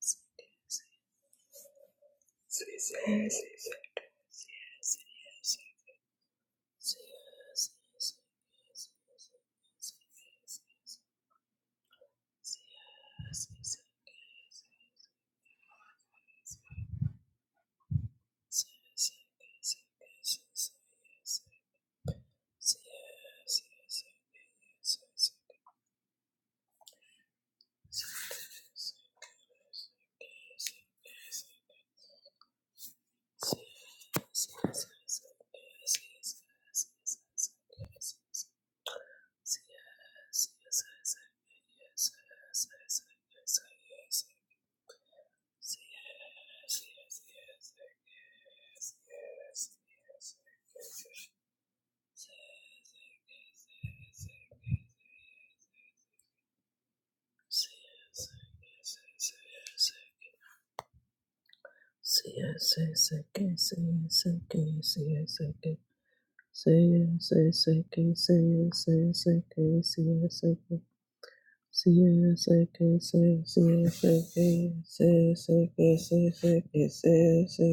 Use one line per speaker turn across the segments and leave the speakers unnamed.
Yes, Say say say say say say say say say say say say say say say say say say say say say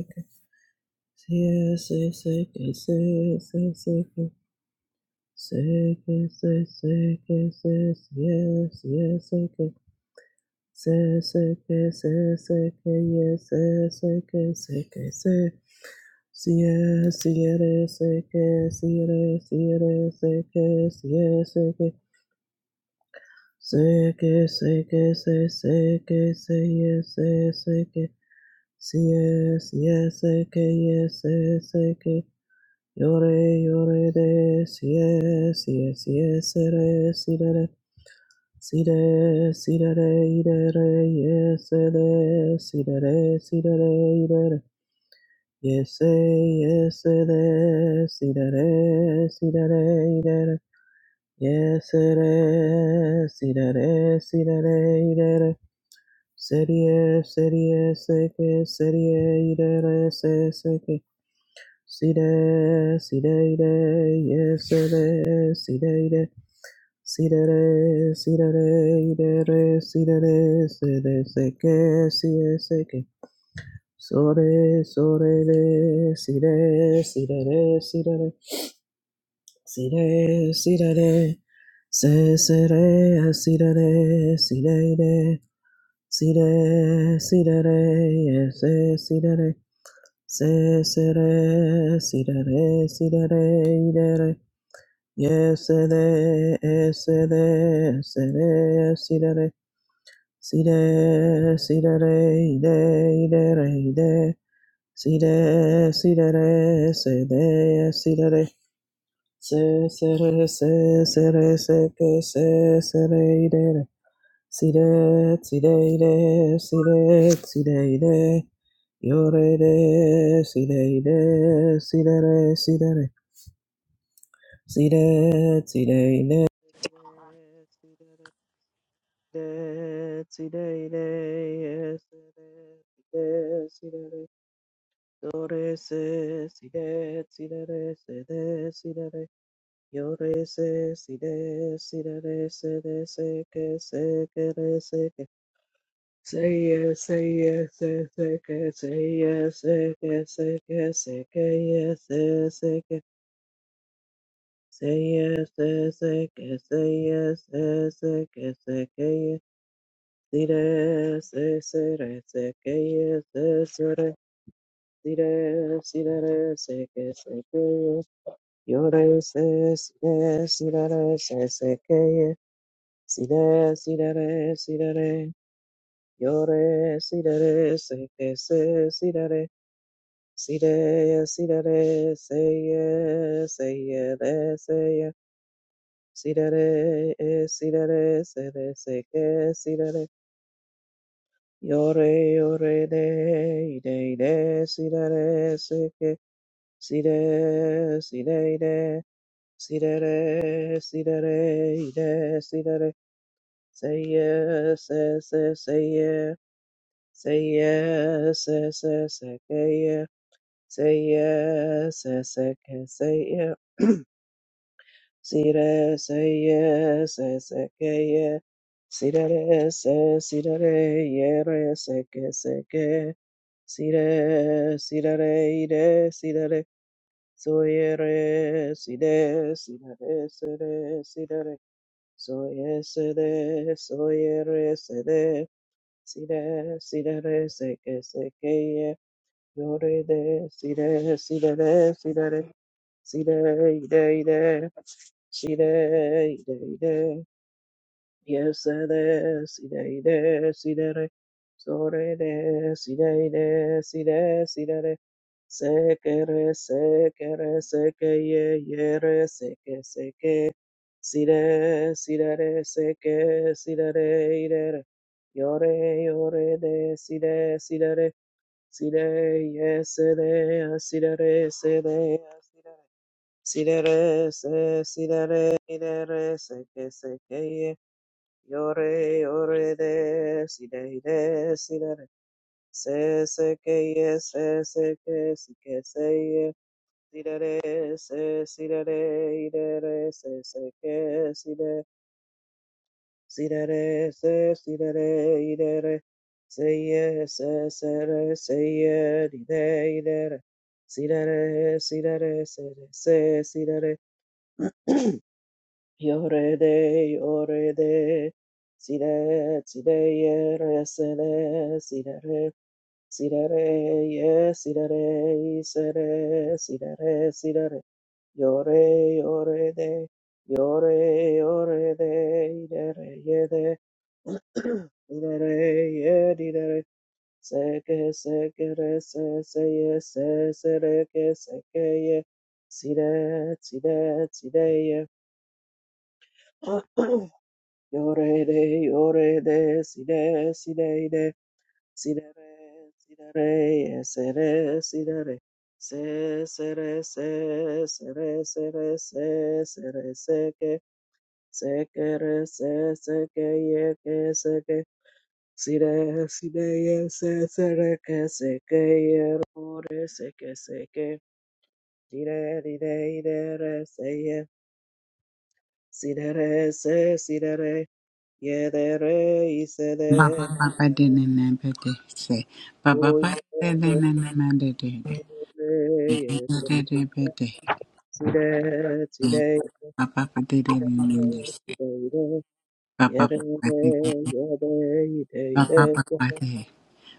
Say say say say say say say say say say say yes yes say say say say say yes say say say Siere, siere, seke, siere, siere, seke, siere, seke, seke, seke, se, seke, se, ye, se, seke, siere, siere, seke, ye, se, seke, yore, yore, de, siye, siye, siye, se, re, si siere, si sere, sirere, sire, sirere, irere, ye, se, de, sirere, sirere, irere, Yes, yes, yes, see that, eh, see that, eh, that, eh. yes, yes, see that, eh, see that, eh, that, eh. Said yes, said yes, said yes, said yes, that, eh, said, said yes. See that, see that, that, yes, said yes, see that, yes, See that, eh, see that, eh, that, eh, see that, eh, said yes, said yes, said yes. Sore, sore, de, si, de, si, de, de, si, de, de, si, de, si, de, de, se, se, re, si, de, de, si, de, de, si, de, si, de, de, se, si, de, de, se, se, re, si, de, de, si, de, de, i, de, re, ye, se, de, e, se, de, se, de, si, de, de, si, de, si, de, de, i, de, i, de, re, i, de, Si re, si re re, se de, si re re. Se, se re, se, se re, se que, se, se re, ire, re. Si re, si re, ire, si re, si re, ire. Yo re, re, si re, ire, si re, re, si re, re. Si re, si re, ire. Si re, si re, ire, si re, si re, si re, re. Do re se si de si de re se de si de re yo re se si de si de re se de se que se que re se que se ye se ye se se que se ye se que se que se que ye se se que se ye se se que se ye se se que se que ye si re se se re se que ye se se re si re si de re se que se que yes. Yore se si re si re re se se ke ye si re si re re si re re yore si re re se ke se si re re si re ye si re re se ye se ye re se ye si re re e si re re se re se ke si re re yore yore de de de si re re se ke si re si re Sidere, sidere, ide, sidere. Say yes, say, say, say yeah. Say yes, say, say, say, say yeah. Say yes, say, say, say, say yeah. Sidere, say yes, say, say, say yeah. Sidere, say, sidere, yere, say, say, say, say. Sidere, sidere, ide, sidere. So yere, sidere, sidere, sidere, sidere. Soye sede, soye re sede, Sire side re seke seke ye, yore de, Sire, Sire, re, side re, side ide ide, side ide ide, Yes, des, ide, ide, sidere, sore, des, ide, ide, side, sidere, sekere, sekere, seke, ye, yere, seke, seke, side, sidere, seke, sidere, idere, yore, yore, des, side, sidere, side, yes, de, sidere, sede, sidere, sidere, se, sidere, idere, seke, seke, Yore, yore de, si de, de, si de, de. se, se, que, ye, se, se, que, si, que, se, ye, si de, de, se, si de, de, i de, re, se, se, que, si de, si de, de, se, si de, de, i de, re, se, ye, se, se, re, se, ye, di, de, i de, re, si de, de, si de, de, se, de, se, si de, de. Yorede, yorede, sire, sire, yere, sere, sirere, sirere, ye, sirere, isere, sirere, sirere, yore, yorede, yore, yorede, idere, yede, idere, ye, didere, seke, sekere, se, se, ye, se, sereke, seke, ye, sire, sire, sire, ye, Yore de, yore de, si de, si de, de, si de re, si de re, e se re, si de re, se, se re, se, se re, se re, se, se re, se ke, se ke re, se, se ke ye ke, se ke, si de, si de ye, se, se re ke, se ke ye ro re, se ke, se ke, di de, di de, i de re, se ye, si de re, se, si de re, ye de re, i se
Baba baba
de.
de ne ne be se. Baba
Oh, yesterday,
baba de ne ne ne ne de de. De de de be de.
today, today, today,
Baba
today,
baba de de ne ne de se.
yesterday,
Baba baba de de.
yesterday,
Baba
yesterday,
baba de.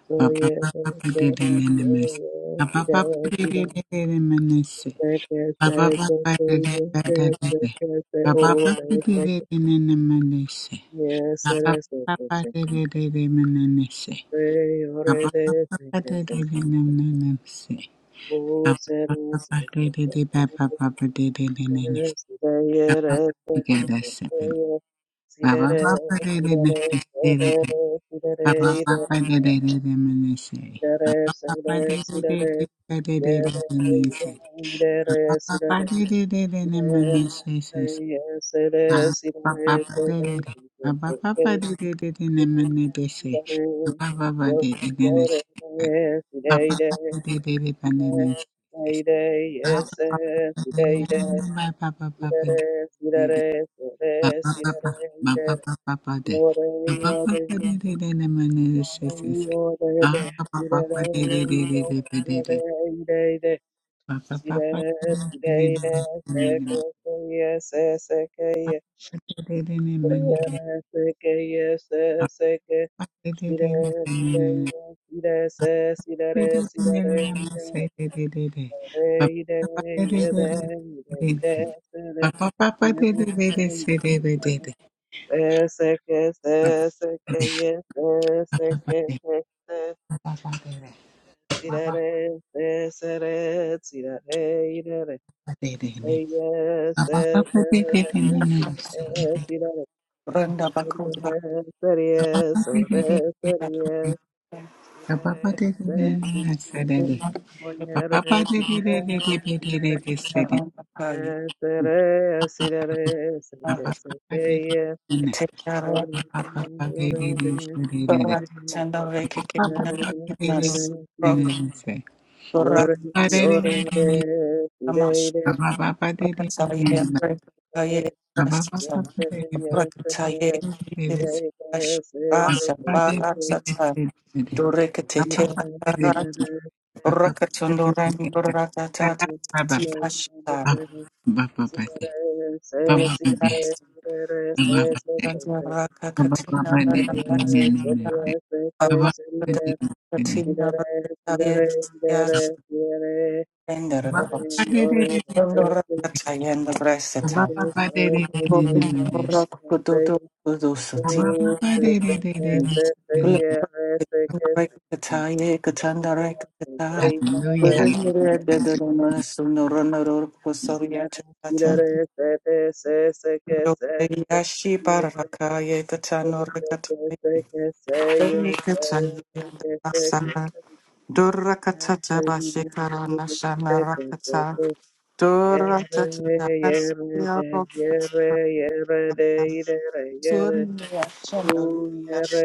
so
Baba baba
yesterday,
de de
so
ne ne me se.
yesterday,
Baba baba
today,
de de
today,
de de de me ne se.
yesterday,
Baba
so
baba de de de
yesterday, yesterday, oh, yesterday, yesterday,
se.
so yesterday, oh,
Baba
yesterday,
baba
yesterday,
de de de se. Baba baba de de de se. Ba
oh,
ba ba ba de de
yesterday,
de ba ba ba
yesterday,
ba de de de ne ne.
Yes,
Ba ba
today,
ba de de seven. Ba ba ba ba de de ne ne de de de. Ba ba ba ba de de de de me ne se. Ba ba ba ba de de de de de de de de de ne se. Ba ba ba ba de de de de ne me ne se se se. Ba ba ba ba de de de. Ba ba ba ba de de de de ne me ne de se. Ba ba ba ba de de de ne se. Ba ba ba de de de de ba ne ne se. Papa,
yes,
papa, papa,
today,
papa, papa,
Irere,
de-
irere, ore,
papa,
irere,
papa,
ire,
papa, papa, papa, de-
iore,
papa,
iore,
papa, de- de- de- de- man- de- de- se-
iore,
se- se.
iore, de,
Ah, papa,
irere,
papa, de- de- de- de- de-
irere,
de- de-
iore,
de.
ire, ire,
Papa,
sire,
papa, de- de- de- de-
sire,
de-
ire,
de- de-
seke,
de.
seye, se, seke, ye,
Papa, de- de- de- de- man- de- de.
oyere, seke, ye, se, seke,
Papa, de- de-
sire,
de- de- de- man-
sire,
de-
ye, sire, se,
de.
sirere,
De- de- de- de-
sirere,
de- man- se-
irere,
de- de- de- de.
ore,
Papa,
ire,
papa, de- de- de-
iere,
de- de- de.
ire, ire, sere,
Papa, papa, de- de- de- de- se- de-
irere,
de- de- de.
Ese que se, ese que y ese, ese que se, se,
Papa
tirare, se, sere, tirare, irere, se, ye, se, sere, tirare, sirare,
Randa bakuza
irere, serie, sere, serie, tirare, se, sire, moyere, sire, tirare,
akayi
se, sere, sirare, se, que se, que ye,
ketekara
Ore, ore,
kora
de,
tanda veke kemana
Yes,
nas rok kora amash ratsaye kaye rasam ratsaye kiri ash rasa bara satsa dore ketetela kara rakatsondo rang borata tata tibashta
Hallelujah,
Yashi barakaya katano rakataya Dorikata Asana Durakatata Bashikara Nashana Rakata
Yere,
Duratata
yere,
Asia
yere, yere,
Rokata
yere, yere, yere,
Surya Chana
Oh,
Yash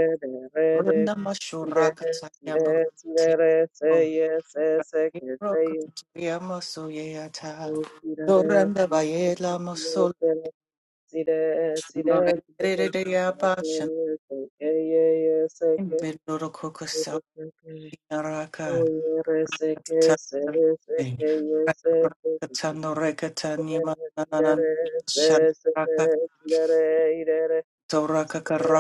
Runda Mashurakata Yamburti Rokatayamasuya doranda Bayela Masul Norendriya Bashan Bilduru Kukusal Naraka Rakatandoreka
Yes,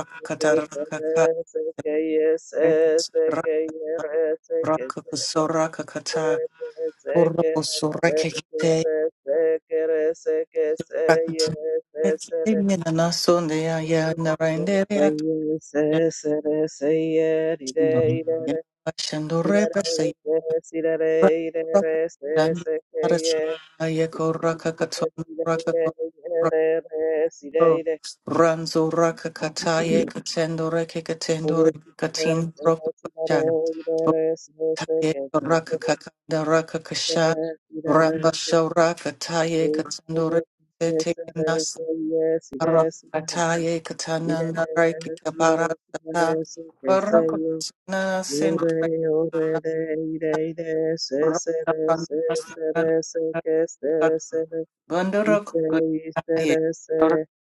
Ranzo raka kataye katendo reke katendo reke
Yes,
katin roku kashan. Taye raka kakanda raka kasha. Ramba shaura kataye katendo reke teke nasa. Raka kataye katana nareke kabara kata. Baraka katina sendo reka raka ramba sana raka. Bandura kukutaye.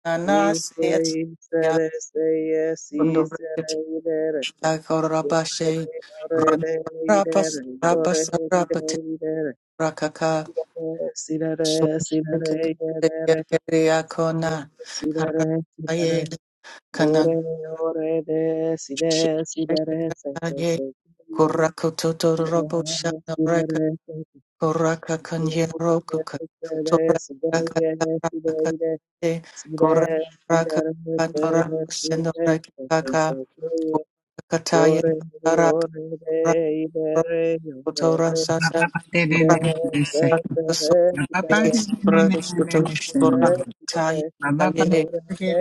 Rana nasa yatse.
Yore,
Dakorabashe,
yore, de, ide
Rapas,
idere,
Rapas, Rapati, Rakaka,
yore,
Sukakakakakakakakona, Karapaye, Kanan, Shikaye, Kurakututu Robosha, raka, Kuraka Kanyarokuka, Turaka raka, Kuraka Kanora, Senoreka Kaka, Kataye, Raka. Kotora
re,
sasa
hallelujah.
so
Thank
biggest brothers Kuratai Taye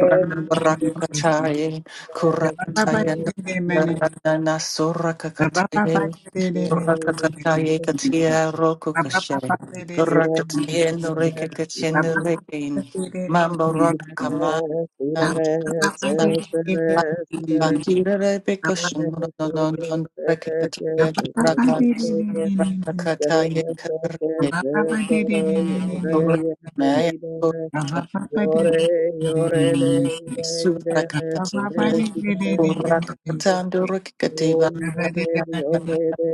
Ranbarakataye Kuratayana Ranana Sorakataye
Thank
Kurakataye Katia Roku Kashe Kurakataye Noreke Kachin Rekin Mambo Rock Kaman Rakataye
you. Yore, yore, de, de, de, re, se, de, si, de, re, se, si, si, de, so, yore, yore, de,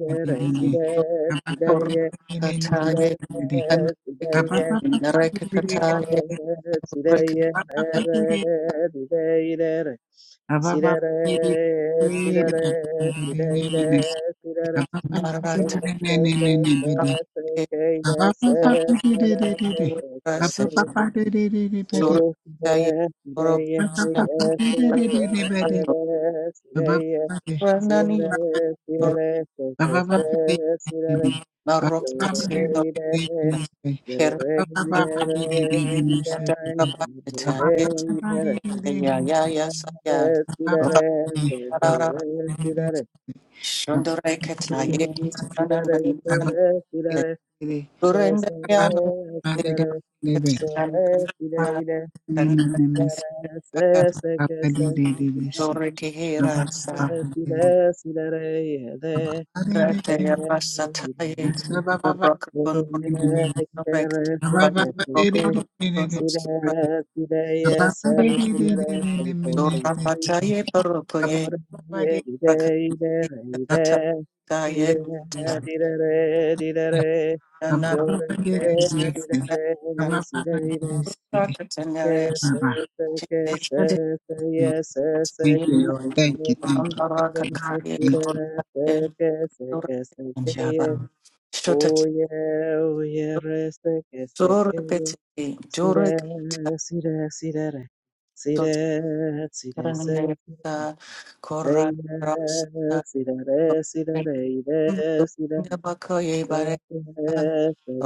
de, re, si, de, si, de, ye, si, de,
you.
re, si, de,
Baba
ye, re, re, si, de, ye, re, re, di, de, de, re. Sidere, sidere, sidere, de, sere, seke, seke, seke, sere, seke, seke,
Surkaya
Sire,
Robusta
sire,
Ranani Borka
sire,
Narok Katsino Kerina Yadabata Yet Yaya Yasaya
Baba
Rakara Shondore Katnaye Nananiman Surendayano
sore, sire, Yes, yes, yes,
Sorry, Kihira, Rataya Pasataye, Surat
Ababa Ababa
yes, Oh yeah,
Ababa Thank you, Lord. Thank you, thank you, thank you.
oh yeah, rest que se que sira, sira, sira, sira, sira, sira, sira, sira,
Break
sira, sira, sira, sira,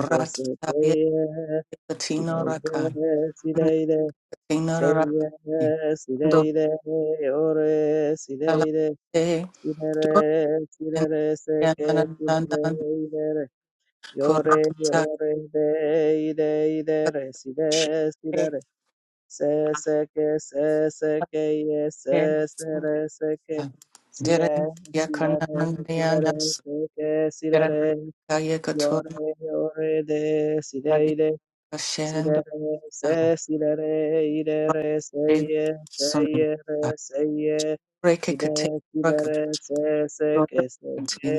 que se que sira, sira, sira, Seyyare, sireyre, ore, sireyre, sirere, sirere, seke, sirere, idere, yore, yore, de, ide, idere, sire, sirere, se, seke, se, seke, ye, se, sere, seke, sire, sirere, sirere, seke, sirere, yore, yore, de, sireyre, Sidere, se, sidere, idere, seye, seye, re, seye. Side,
a
sidere, se, se,
Hello,
ke, se, ke,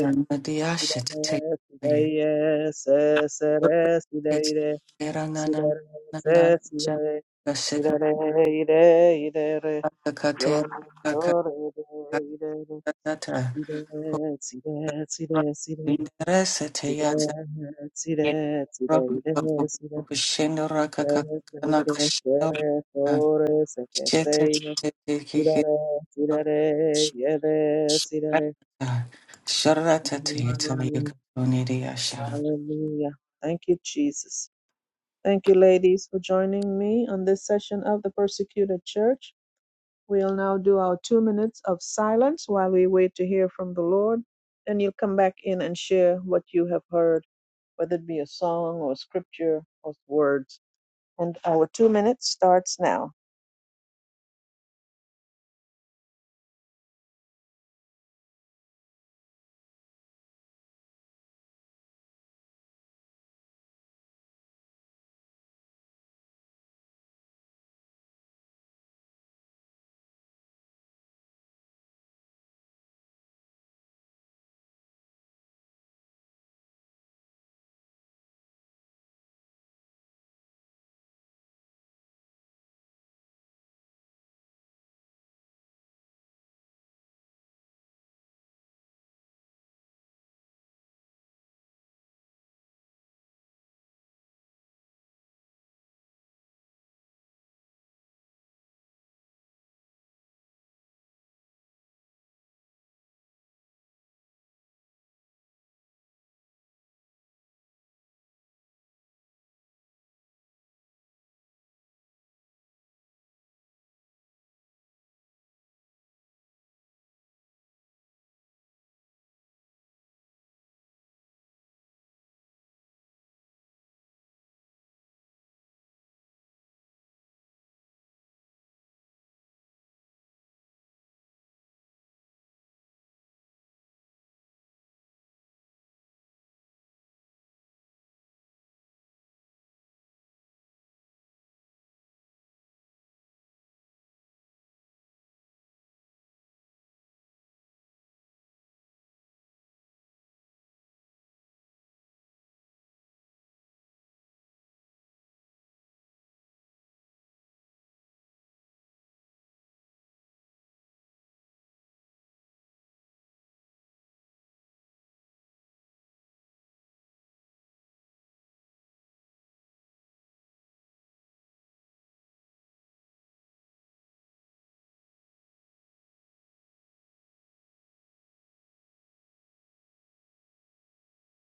sidere, sideye, se, se, re, sideire, sidere, se, sidere, sidere, ide, idere, yo, yo, re, de, idere, ide, side, side, sidere, ide, side, side, ide, side se que sere tore se que seine tirare tirare yede sirare. Hallelujah. Hallelujah. Thank you, Jesus. Thank you, ladies, for joining me on this session of the persecuted church. We'll now do our two minutes of silence while we wait to hear from the Lord. and you'll come back in and share what you have heard, whether it be a song or scripture or words. And our two minutes starts now.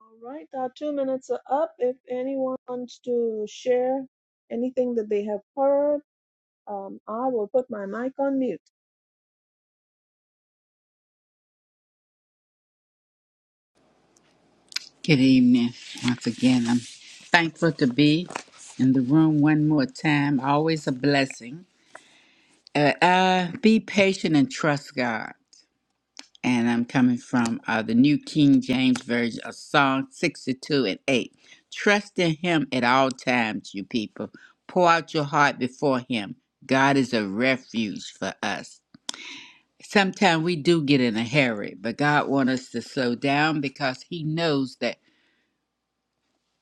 All right, our two minutes are up. If anyone wants to share anything that they have heard, um, I will put my mic on mute.
Good evening. Once again, I'm thankful to be in the room one more time. Always a blessing. Uh, uh, be patient and trust God. and I'm coming from uh, the New King James Version of Psalm 62 and 8. Trust in Him at all times, you people. Pour out your heart before Him. God is a refuge for us. Sometimes we do get in a hurry, but God wants us to slow down because He knows that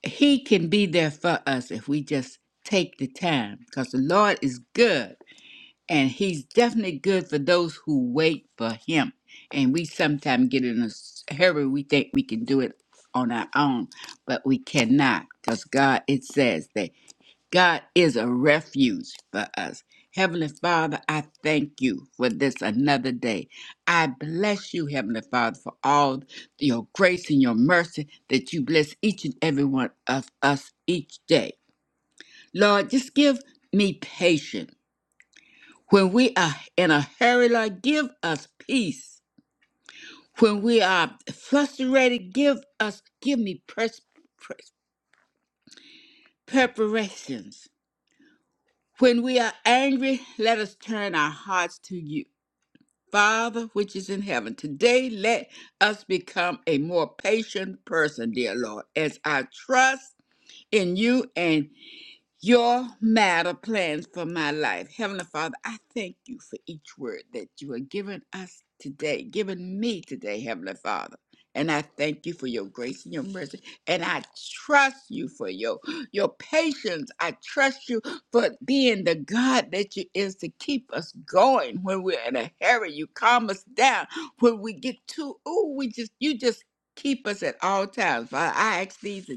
He can be there for us if we just take the time because the Lord is good and he's definitely good for those who wait for him. And we sometimes get in a s- hurry. We think we can do it on our own, but we cannot because God, it says that God is a refuge for us. Heavenly Father, I thank you for this another day. I bless you, Heavenly Father, for all your grace and your mercy that you bless each and every one of us each day. Lord, just give me patience when we are in a hurry, Lord, give us peace. When we are frustrated, give us, give me pers- pres- preparations. When we are angry, let us turn our hearts to you. Father, which is in heaven, today let us become a more patient person, dear Lord, as I trust in you and. your matter plans for my life. Heavenly Father, I thank you for each word that you are giving us today, giving me today, Heavenly Father. And I thank you for your grace and your mercy. And I trust you for your, your patience. I trust you for being the God that you is to keep us going when we're in a hurry. You calm us down when we get too, ooh, we just, you just keep us at all times. Father, I ask these. in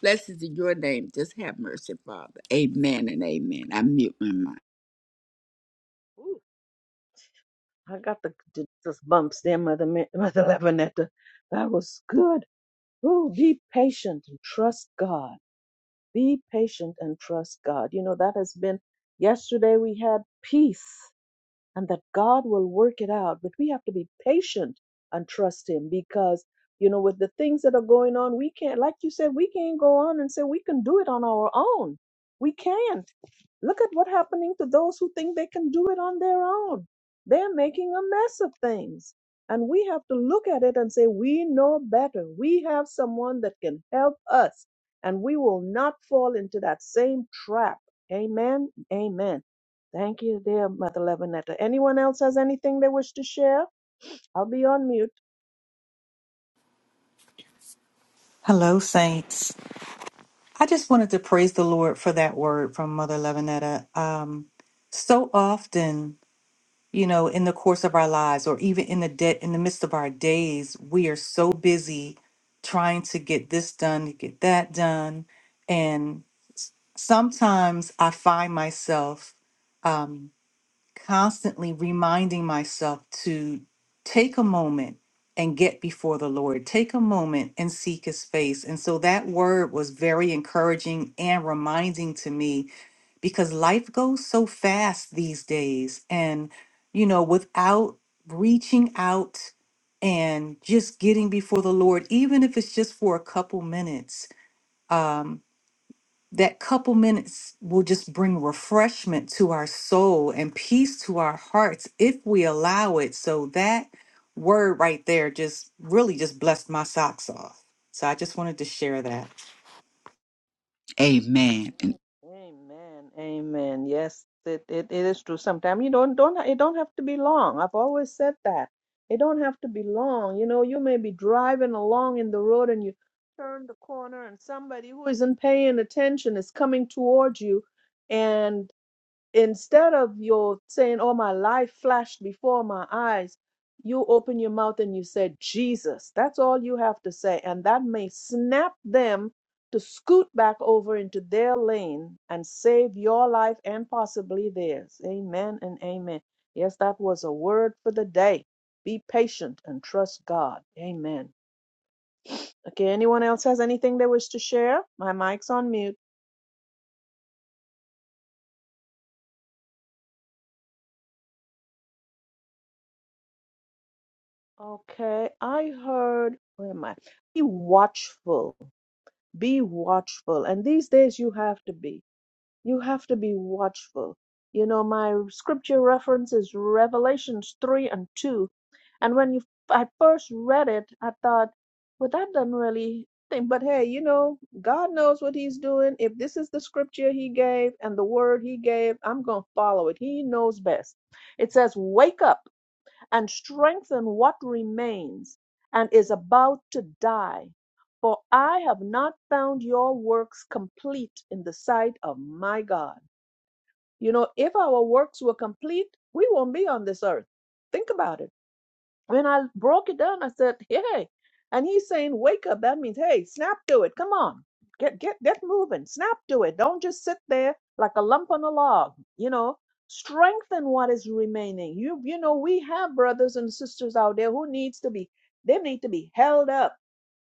Blessed is your name. Just have mercy, Father. Amen and amen. I mute my mind.
Ooh, I got the Jesus bumps there, Mother Ma- Mother Lavinetta. That was good. Ooh, be patient and trust God. Be patient and trust God. You know that has been. Yesterday we had peace. and that God will work it out. But we have to be patient and trust Him because, you know, with the things that are going on, we can't, like you said, we can't go on and say we can do it on our own. We can't. Look at what's happening to those who think they can do it on their own. They're making a mess of things. And we have to look at it and say, we know better. We have someone that can help us, and we will not fall into that same trap. Amen. Amen. Thank you, dear Mother Levinetta. Anyone else has anything they wish to share? I'll be on mute.
Saints. I just wanted to praise the Lord for that word from Mother Levinetta. Um, so often, you know, in the course of our lives, or even in the de- in the midst of our days, we are so busy trying to get this done, to get that done, and sometimes I find myself um, constantly reminding myself to take a moment and get before the Lord. Take a moment and seek his face. And so that word was very encouraging and reminding to me because life goes so fast these days. And, you know, without reaching out and just getting before the Lord, even if it's just for a couple minutes. um, that couple minutes will just bring refreshment to our soul and peace to our hearts if we allow it. So that word right there just really just blessed my socks off. So I just wanted to share that.
Amen and
Amen. Amen. Yes, it, it, it is true. Sometimes you don't don't it don't have to be long. I've always said that. It don't have to be long. You know, you may be driving along in the road and you turn the corner and somebody who isn't paying attention is coming towards you and instead of your saying, Oh, my life flashed before my eyes, you open your mouth and you say, Jesus. That's all you have to say. And that may snap them to scoot back over into their lane and save your life and possibly theirs. Amen and amen. Yes, that was a word for the day. Be patient and trust God. Amen. Okay, anyone else has anything they wish to share? My mic's on mute. Okay, I heard, where am I? Be watchful be watchful. And these days you have to be. You have to be watchful. You know, my scripture reference is Revelations 3 and 2. And when you I first read it, I thought, well, that doesn't really think. But hey, you know, God knows what He's doing. If this is the scripture He gave and the word He gave, I'm going to follow it. He knows best. It says, Wake up and strengthen what remains and is about to die. For I have not found your works complete in the sight of my God. You know, if our works were complete, we won't be on this earth. Think about it. And I broke it down. I said, hey. And he's saying, wake up. That means, hey, snap to it. Come on. Get get get moving. Snap to it. Don't just sit there like a lump on a log. You know, strengthen what is remaining. You you know, we have brothers and sisters out there who needs to be they need to be held up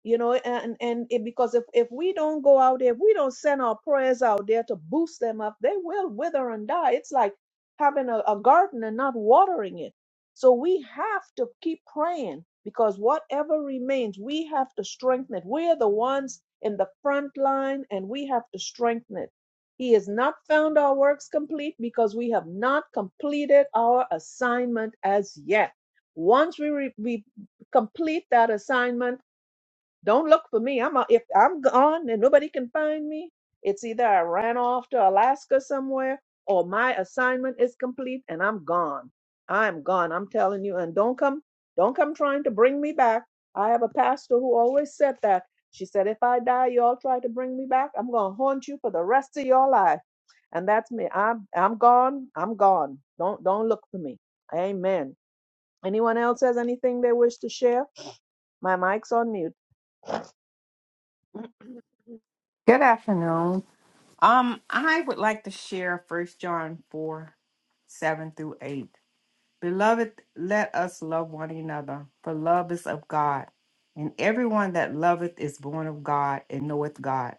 you know and and it, because if if we don't go out there if we don't send our prayers out there to boost them up they will wither and die it's like having a, a garden and not watering it so we have to keep praying because whatever remains we have to strengthen it we are the ones in the front line and we have to strengthen it he has not found our works complete because we have not completed our assignment as yet once we, re- we complete that assignment don't look for me. I'm a, if I'm gone and nobody can find me, it's either I ran off to Alaska somewhere or my assignment is complete and I'm gone. I'm gone. I'm telling you. And don't come, don't come trying to bring me back. I have a pastor who always said that. She said, if I die, you all try to bring me back. I'm gonna haunt you for the rest of your life. And that's me. I'm I'm gone. I'm gone. Don't don't look for me. Amen. Anyone else has anything they wish to share? My mic's on mute.
Good afternoon. Um, I would like to share First John 4 7 through 8. Beloved, let us love one another, for love is of God. And everyone that loveth is born of God and knoweth God.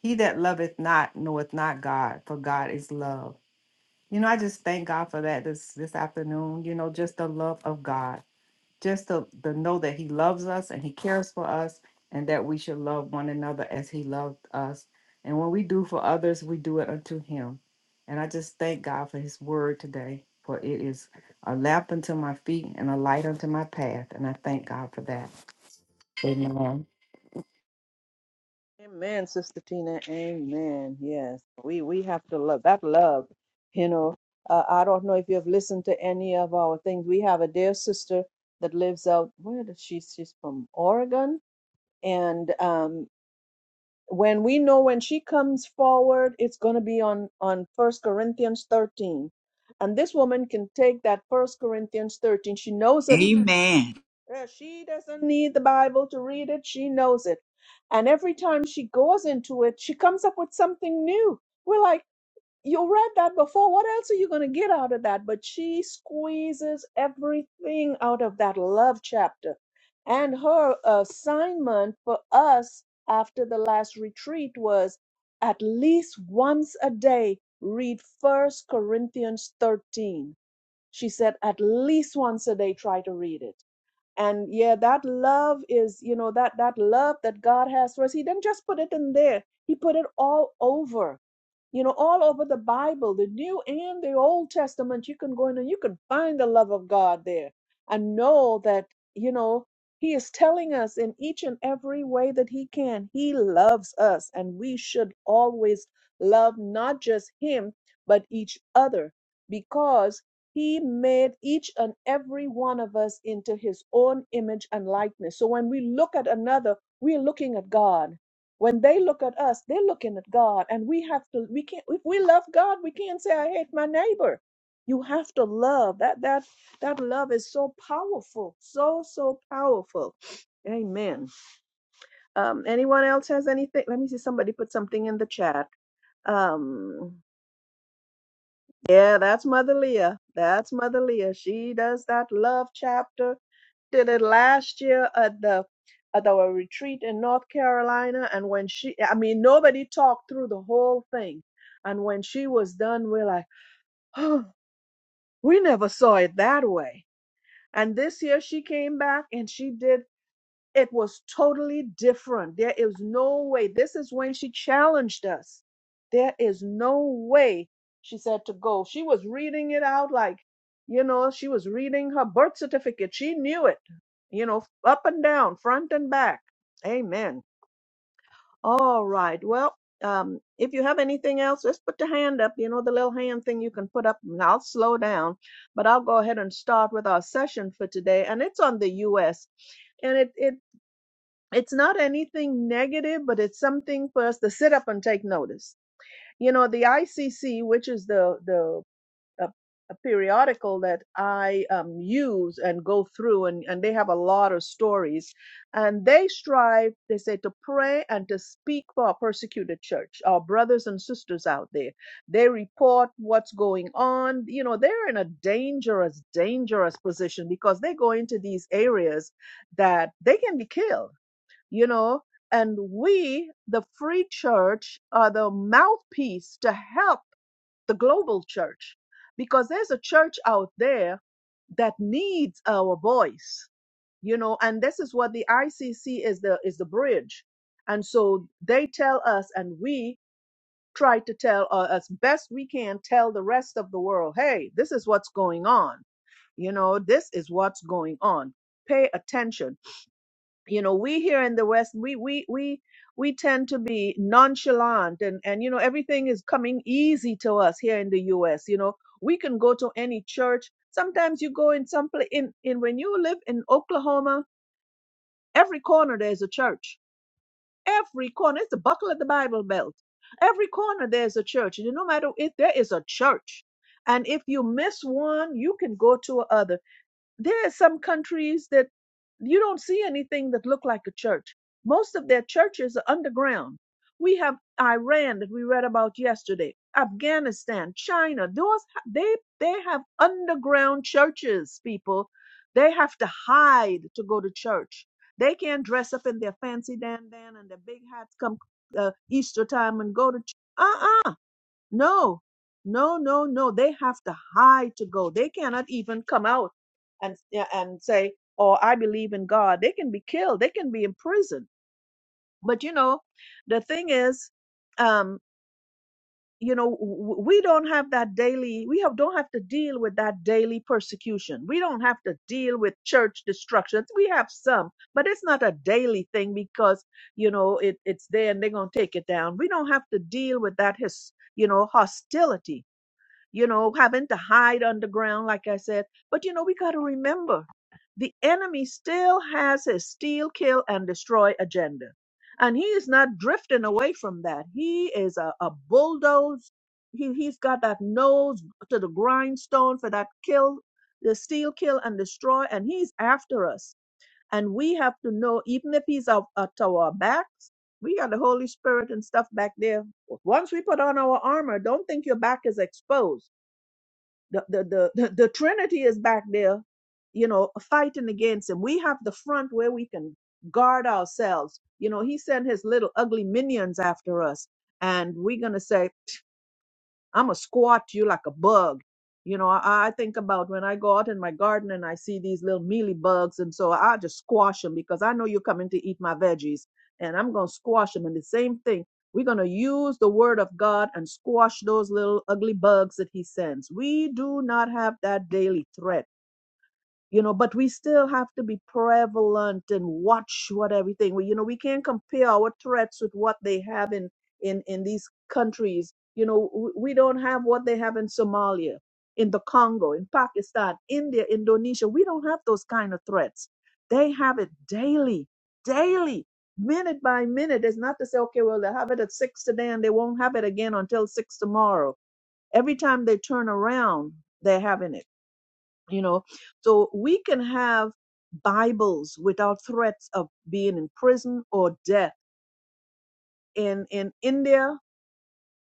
He that loveth not knoweth not God, for God is love. You know, I just thank God for that this, this afternoon, you know, just the love of God just to, to know that he loves us and he cares for us and that we should love one another as he loved us. And when we do for others, we do it unto him. And I just thank God for his word today, for it is a lamp unto my feet and a light unto my path. And I thank God for that. Amen.
Amen, Sister Tina. Amen. Yes, we we have to love that love. You know, uh, I don't know if you have listened to any of our things. We have a dear sister that lives out. Where does she? She's from Oregon, and um, when we know when she comes forward, it's going to be on on First Corinthians thirteen, and this woman can take that First Corinthians thirteen. She knows it
amen.
yeah, she doesn't need the Bible to read it. She knows it. And every time she goes into it, she comes up with something new. We're like, you read that before. What else are you going to get out of that? But she squeezes everything out of that love chapter. And her assignment for us after the last retreat was at least once a day, read First Corinthians 13. She said, at least once a day, try to read it and yeah that love is you know that that love that god has for us he didn't just put it in there he put it all over you know all over the bible the new and the old testament you can go in and you can find the love of god there and know that you know he is telling us in each and every way that he can he loves us and we should always love not just him but each other because he made each and every one of us into his own image and likeness. So when we look at another, we're looking at God. When they look at us, they're looking at God. And we have to, we can't, if we love God, we can't say, I hate my neighbor. You have to love. That that that love is so powerful. So, so powerful. Amen. Um, anyone else has anything? Let me see. Somebody put something in the chat. Um, yeah, that's Mother Leah. That's Mother Leah. She does that love chapter. Did it last year at the at our retreat in North Carolina. And when she I mean nobody talked through the whole thing. And when she was done, we're like, oh, we never saw it that way. And this year she came back and she did it was totally different. There is no way. This is when she challenged us. There is no way, she said to go. She was reading it out like, you know, she was reading her birth certificate. She knew it, you know, up and down, front and back. Amen. All right. Well, um, if you have anything else, just put the hand up. You know, the little hand thing you can put up, and I'll slow down. But I'll go ahead and start with our session for today. And it's on the U.S. And it, it it's not anything negative, but it's something for us to sit up and take notice. You know, the ICC, which is the the uh, a periodical that I um, use and go through, and, and they have a lot of stories, and they strive, they say, to pray and to speak for our persecuted church, our brothers and sisters out there. They report what's going on. You know, they're in a dangerous, dangerous position because they go into these areas that they can be killed you know and we the free church are the mouthpiece to help the global church because there's a church out there that needs our voice you know and this is what the ICC is the is the bridge and so they tell us and we try to tell uh, as best we can tell the rest of the world hey this is what's going on you know this is what's going on pay attention you know we here in the west we we we we tend to be nonchalant and and you know everything is coming easy to us here in the US you know we can go to any church sometimes you go in some place in in when you live in Oklahoma every corner there's a church every corner it's the buckle of the bible belt every corner there's a church and no matter if there is a church and if you miss one you can go to another there are some countries that you don't see anything that look like a church. Most of their churches are underground. We have Iran that we read about yesterday, Afghanistan, China. Those they they have underground churches, people. They have to hide to go to church. They can't dress up in their fancy dandan and their big hats come uh, Easter time and go to church. Uh-uh. No, no, no, no. They have to hide to go. They cannot even come out and yeah, and say, "Oh, I believe in God." They can be killed. They can be imprisoned. But you know, the thing is, um, you know, w- we don't have that daily. We have don't have to deal with that daily persecution. We don't have to deal with church destructions. We have some, but it's not a daily thing because you know it, it's there and they're gonna take it down. We don't have to deal with that his you know hostility you know, having to hide underground, like I said. But, you know, we got to remember the enemy still has his steal, kill, and destroy agenda. And he is not drifting away from that. He is a, a bulldoze. He, he's got that nose to the grindstone for that kill, the steal, kill, and destroy. And he's after us. And we have to know, even if he's up, up to our backs, we got the Holy Spirit and stuff back there. Once we put on our armor, don't think your back is exposed the, the the the the trinity is back there you know fighting against him we have the front where we can guard ourselves you know he sent his little ugly minions after us and we're going to say I'm going to squat you like a bug. You know, I, I think about when I go out in my garden and I see these little mealy bugs, and so I just squash them because I know you're coming to eat my veggies, and I'm gonna squash them. And the same thing, we're gonna use the word of God and squash those little ugly bugs that He sends. We do not have that daily threat you know but we still have to be prevalent and watch what everything we you know we can't compare our threats with what they have in in in these countries you know w- we don't have what they have in somalia in the congo in pakistan india indonesia we don't have those kind of threats they have it daily daily minute by minute it's not to say okay well they have it at six today and they won't have it again until six tomorrow every time they turn around they're having it you know so we can have bibles without threats of being in prison or death in in india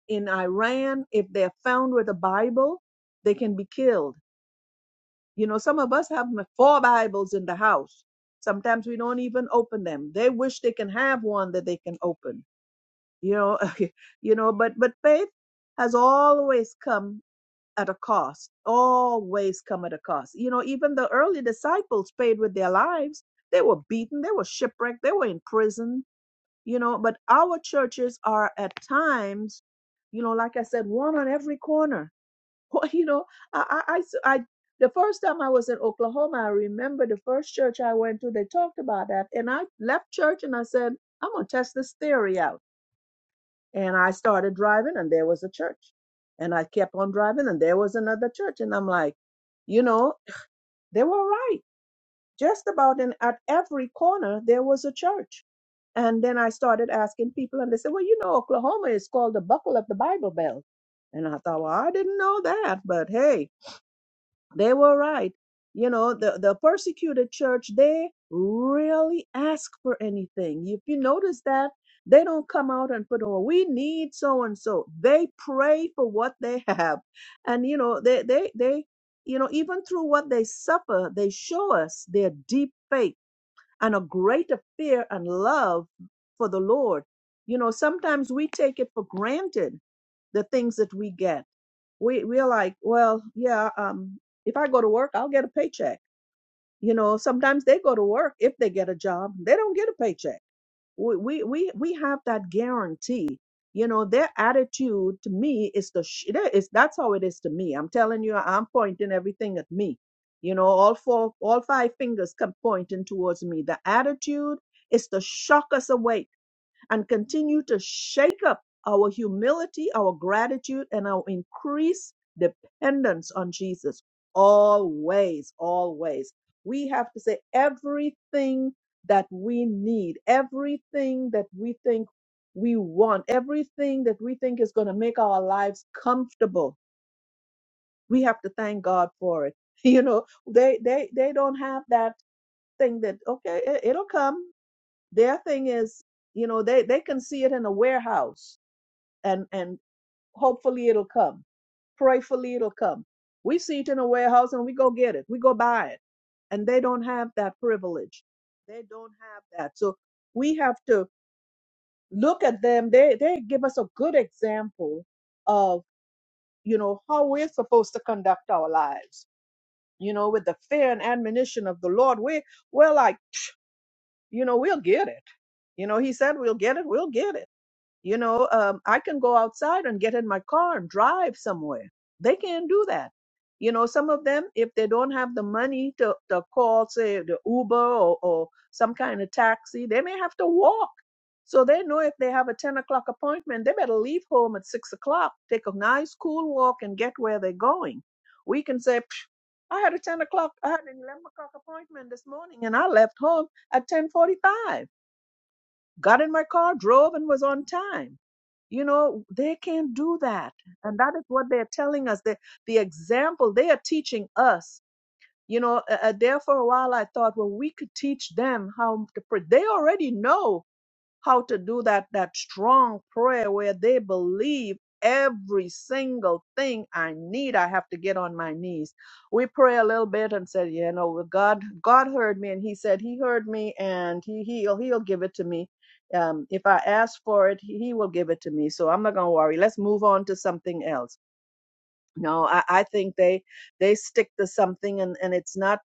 in iran if they're found with a bible they can be killed you know some of us have four bibles in the house sometimes we don't even open them they wish they can have one that they can open you know you know but but faith has always come at a cost, always come at a cost. You know, even the early disciples paid with their lives. They were beaten, they were shipwrecked, they were in prison, you know. But our churches are at times, you know, like I said, one on every corner. You know, I, I, I. I the first time I was in Oklahoma, I remember the first church I went to, they talked about that. And I left church and I said, I'm going to test this theory out and I started driving, and there was a church. And I kept on driving, and there was another church. And I'm like, you know, they were right. Just about in at every corner there was a church. And then I started asking people, and they said, well, you know, Oklahoma is called the buckle of the Bible Belt. And I thought, well, I didn't know that, but hey, they were right you know the, the persecuted church they really ask for anything if you notice that they don't come out and put Oh, we need so and so they pray for what they have and you know they they they you know even through what they suffer they show us their deep faith and a greater fear and love for the lord you know sometimes we take it for granted the things that we get we we're like, well, yeah, um, if I go to work, I'll get a paycheck. You know, sometimes they go to work if they get a job, they don't get a paycheck. We we we, we have that guarantee. You know, their attitude to me is the sh- that is that's how it is to me. I'm telling you, I'm pointing everything at me. You know, all four, all five fingers come pointing towards me. The attitude is to shock us awake and continue to shake up our humility, our gratitude, and our increased dependence on Jesus. Always, always. We have to say everything that we need, everything that we think we want, everything that we think is going to make our lives comfortable. We have to thank God for it. You know, they they they don't have that thing that okay, it, it'll come their thing is, you know, they, they can see it in a warehouse and, and hopefully it'll come. Prayfully it'll come. We see it in a warehouse and we go get it. We go buy it. And they don't have that privilege. They don't have that. So we have to look at them. They they give us a good example of, you know, how we're supposed to conduct our lives. You know, with the fear and admonition of the Lord, we we're like, you know, we'll get it. You know, he said we'll get it, we'll get it You know, um, I can go outside and get in my car and drive somewhere. They can't do that. You know, some of them, if they don't have the money to, to call, say, the Uber or, or some kind of taxi, they may have to walk. So they know if they have a 10 o'clock appointment, they better leave home at 6 o'clock, take a nice, cool walk, and get where they're going. We can say, "Psh, I had a 10 o'clock, I had an 11 o'clock appointment this morning, and I left home at 10.45 got in my car, drove, and was on time. You know, they can't do that. And that is what they're telling us. the the example they are teaching us. You know, uh, uh, there for a while I thought, well, we could teach them how to pray. They already know how to do that that strong prayer where they believe every single thing i need i have to get on my knees we pray a little bit and said you know well, god god heard me and he said he heard me and he he'll he'll give it to me um if i ask for it he he will give it to me so i'm not going to worry let's move on to something else no, I, I think they they stick to something, and and it's not.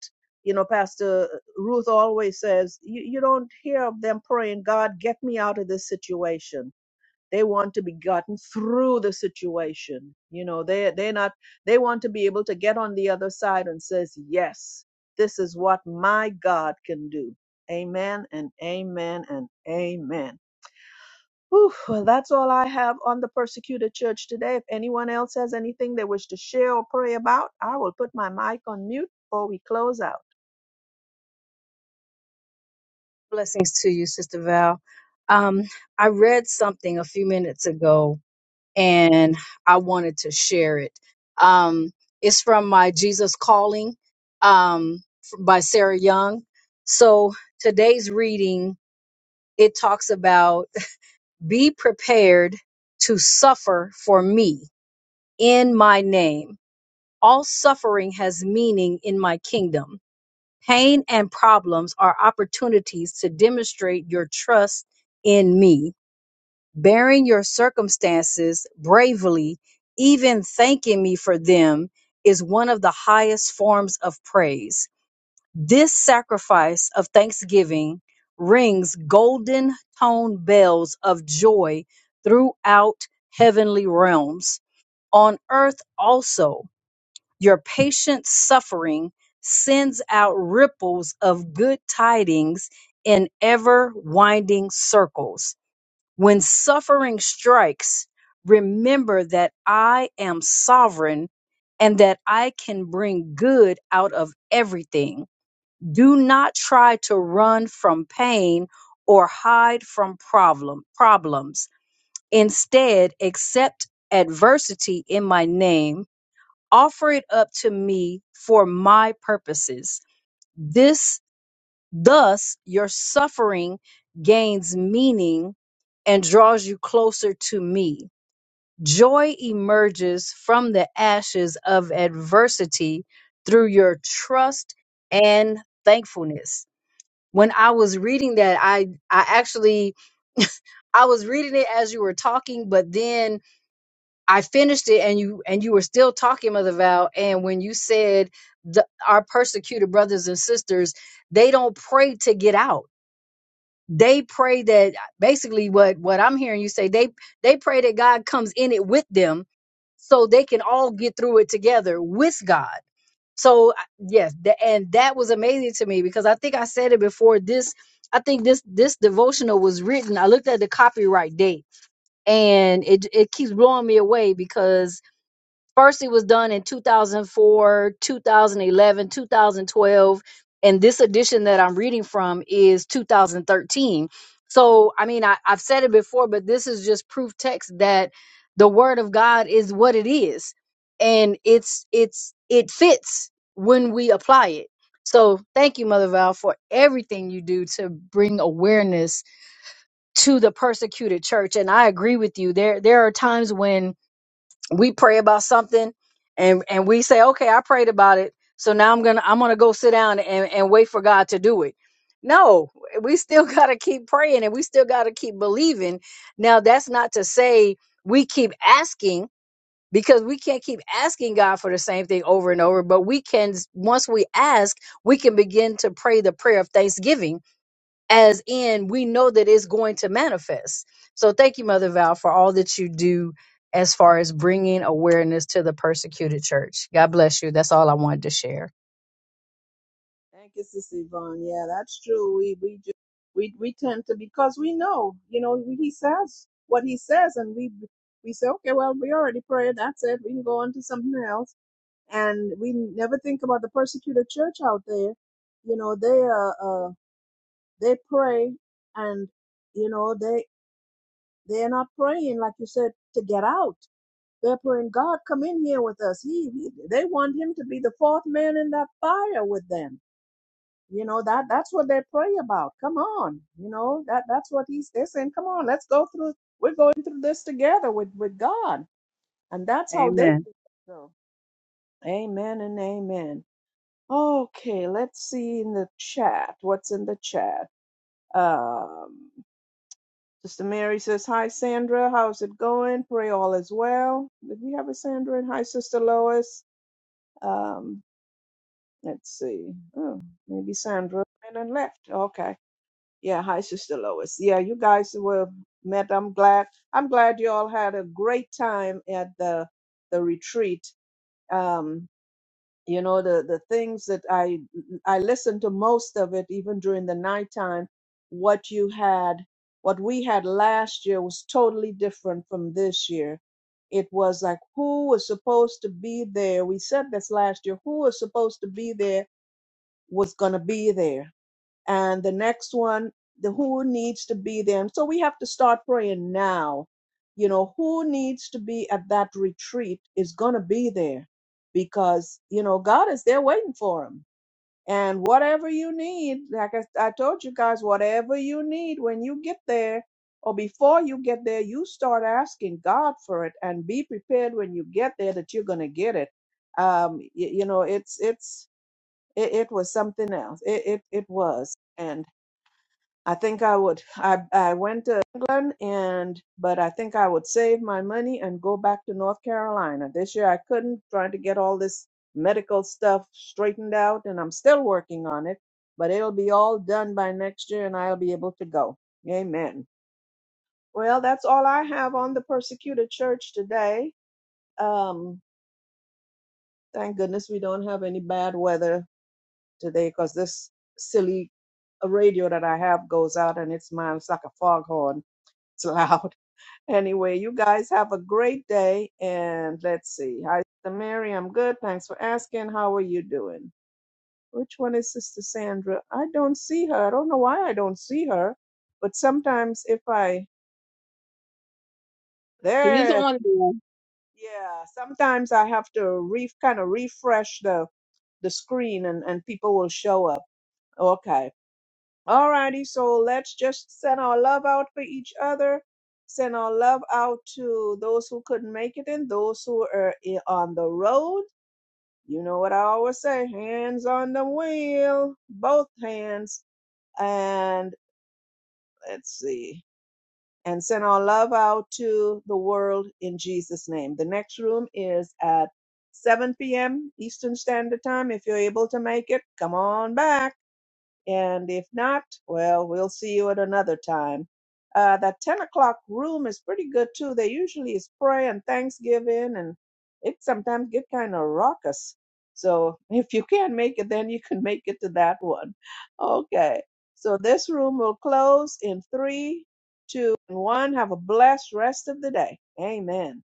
You know, Pastor Ruth always says, you, you don't hear of them praying, God, get me out of this situation. They want to be gotten through the situation. You know, they they're not they want to be able to get on the other side and says, Yes, this is what my God can do. Amen and amen and amen. Whew, well, that's all I have on the persecuted church today. If anyone else has anything they wish to share or pray about, I will put my mic on mute before we close out.
Blessings to you, Sister Val. Um, I read something a few minutes ago and I wanted to share it. Um, it's from my Jesus Calling um, f- by Sarah Young. So today's reading, it talks about be prepared to suffer for me in my name. All suffering has meaning in my kingdom. Pain and problems are opportunities to demonstrate your trust in me. Bearing your circumstances bravely, even thanking me for them, is one of the highest forms of praise. This sacrifice of thanksgiving rings golden tone bells of joy throughout heavenly realms, on earth also. Your patient suffering sends out ripples of good tidings in ever winding circles. When suffering strikes, remember that I am sovereign and that I can bring good out of everything. Do not try to run from pain or hide from problem problems. Instead, accept adversity in my name offer it up to me for my purposes. This, thus, your suffering gains meaning and draws you closer to me. Joy emerges from the ashes of adversity through your trust and thankfulness. When I was reading that, I I actually I was reading it as you were talking, but then I finished it and you and you were still talking, Mother Val. And when you said the, our persecuted brothers and sisters, they don't pray to get out. They pray that basically what what I'm hearing you say, they they pray that God comes in it with them so they can all get through it together with God. So I- yes, th- and that was amazing to me because I think I said it before this I think this this devotional was written. I looked at the copyright date and it it keeps blowing me away because First, it was done in 2004, 2011, 2012, and this edition that I'm reading from is 2013. So, I mean, I, I've said it before, but this is just proof text that the Word of God is what it is, and it's it's it fits when we apply it. So, thank you, Mother Val, for everything you do to bring awareness to the persecuted church. And I agree with you. There there are times when we pray about something and and we say okay i prayed about it so now i'm gonna i'm gonna go sit down and, and wait for god to do it no we still gotta keep praying and we still gotta keep believing now that's not to say we keep asking because we can't keep asking god for the same thing over and over but we can once we ask we can begin to pray the prayer of thanksgiving as in we know that it's going to manifest. So thank you, Mother Val, for all that you do as far as bringing awareness to the persecuted church. God bless you. That's all I wanted to share.
Thank you, Sister Yvonne. Yeah, that's true. We we just we we tend to because we know, you know, he says what he says, and we we say, okay, well, we already prayed. That's it. We can go on to something else, and we never think about the persecuted church out there. You know, they uh, uh they pray, and you know they They're not praying, like you said, to get out. They're praying, God, come in here with us. He, he- they want him to be the fourth man in that fire with them. You know that that's what they pray about. Come on, you know that that's what he's. They're saying, come on, let's go through. We're going through this together with with God, and that's how they.
Amen.
do it. So, amen and amen. Okay, let's see in the chat. What's in the chat? Um, Sister Mary says, Hi, Sandra. How's it going? Pray all is well. Did we have a Sandra? And hi, Sister Lois. Um, let's see. Oh, maybe Sandra went and left. Okay. Yeah. Hi, Sister Lois. Yeah, you guys were met. I'm glad. I'm glad you all had a great time at the the retreat. Um, you know the the things that i i listened to most of it even during the nighttime what you had what we had last year was totally different from this year it was like who was supposed to be there we said this last year who was supposed to be there was going to be there and the next one the who needs to be there and so we have to start praying now you know who needs to be at that retreat is going to be there because you know god is there waiting for him and whatever you need like I, I told you guys whatever you need when you get there or before you get there you start asking god for it and be prepared when you get there that you're going to get it um y- you know it's it's it, it was something else it, it it was I think I would. I I went to England and but I think I would save my money and go back to North Carolina. This year I couldn't trying to get all this medical stuff straightened out and I'm still working on it, but it'll be all done by next year and I'll be able to go. Amen. Well, that's all I have on the persecuted church today. Um thank goodness we don't have any bad weather today cuz this silly radio that I have goes out and it smiles like a foghorn it's loud. Anyway, you guys have a great day. And let's see. Hi, Sister Mary. I'm good. Thanks for asking. How are you doing? Which one is Sister Sandra? I don't see her. I don't know why I don't see her. But sometimes if I,
She's
there,
on
she is.
there.
yeah, sometimes I have to re, kind of refresh the, the screen and, and people will show up. Okay. Alrighty, so let's just send our love out for each other. Send our love out to those who couldn't make it and those who are i- on the road. You know what I always say hands on the wheel, both hands. And let's see. And send our love out to the world in Jesus' name. The next room is at 7 p.m. Eastern Standard Time. If you're able to make it, come on back. And if not, well, we'll see you at another time. Uh, that 10 o'clock room is pretty good too. They usually is prayer and thanksgiving, and it sometimes get kind of raucous. So if you can't make it, then you can make it to that one. Okay. So this room will close in three, two, and one. Have a blessed rest of the day. Amen.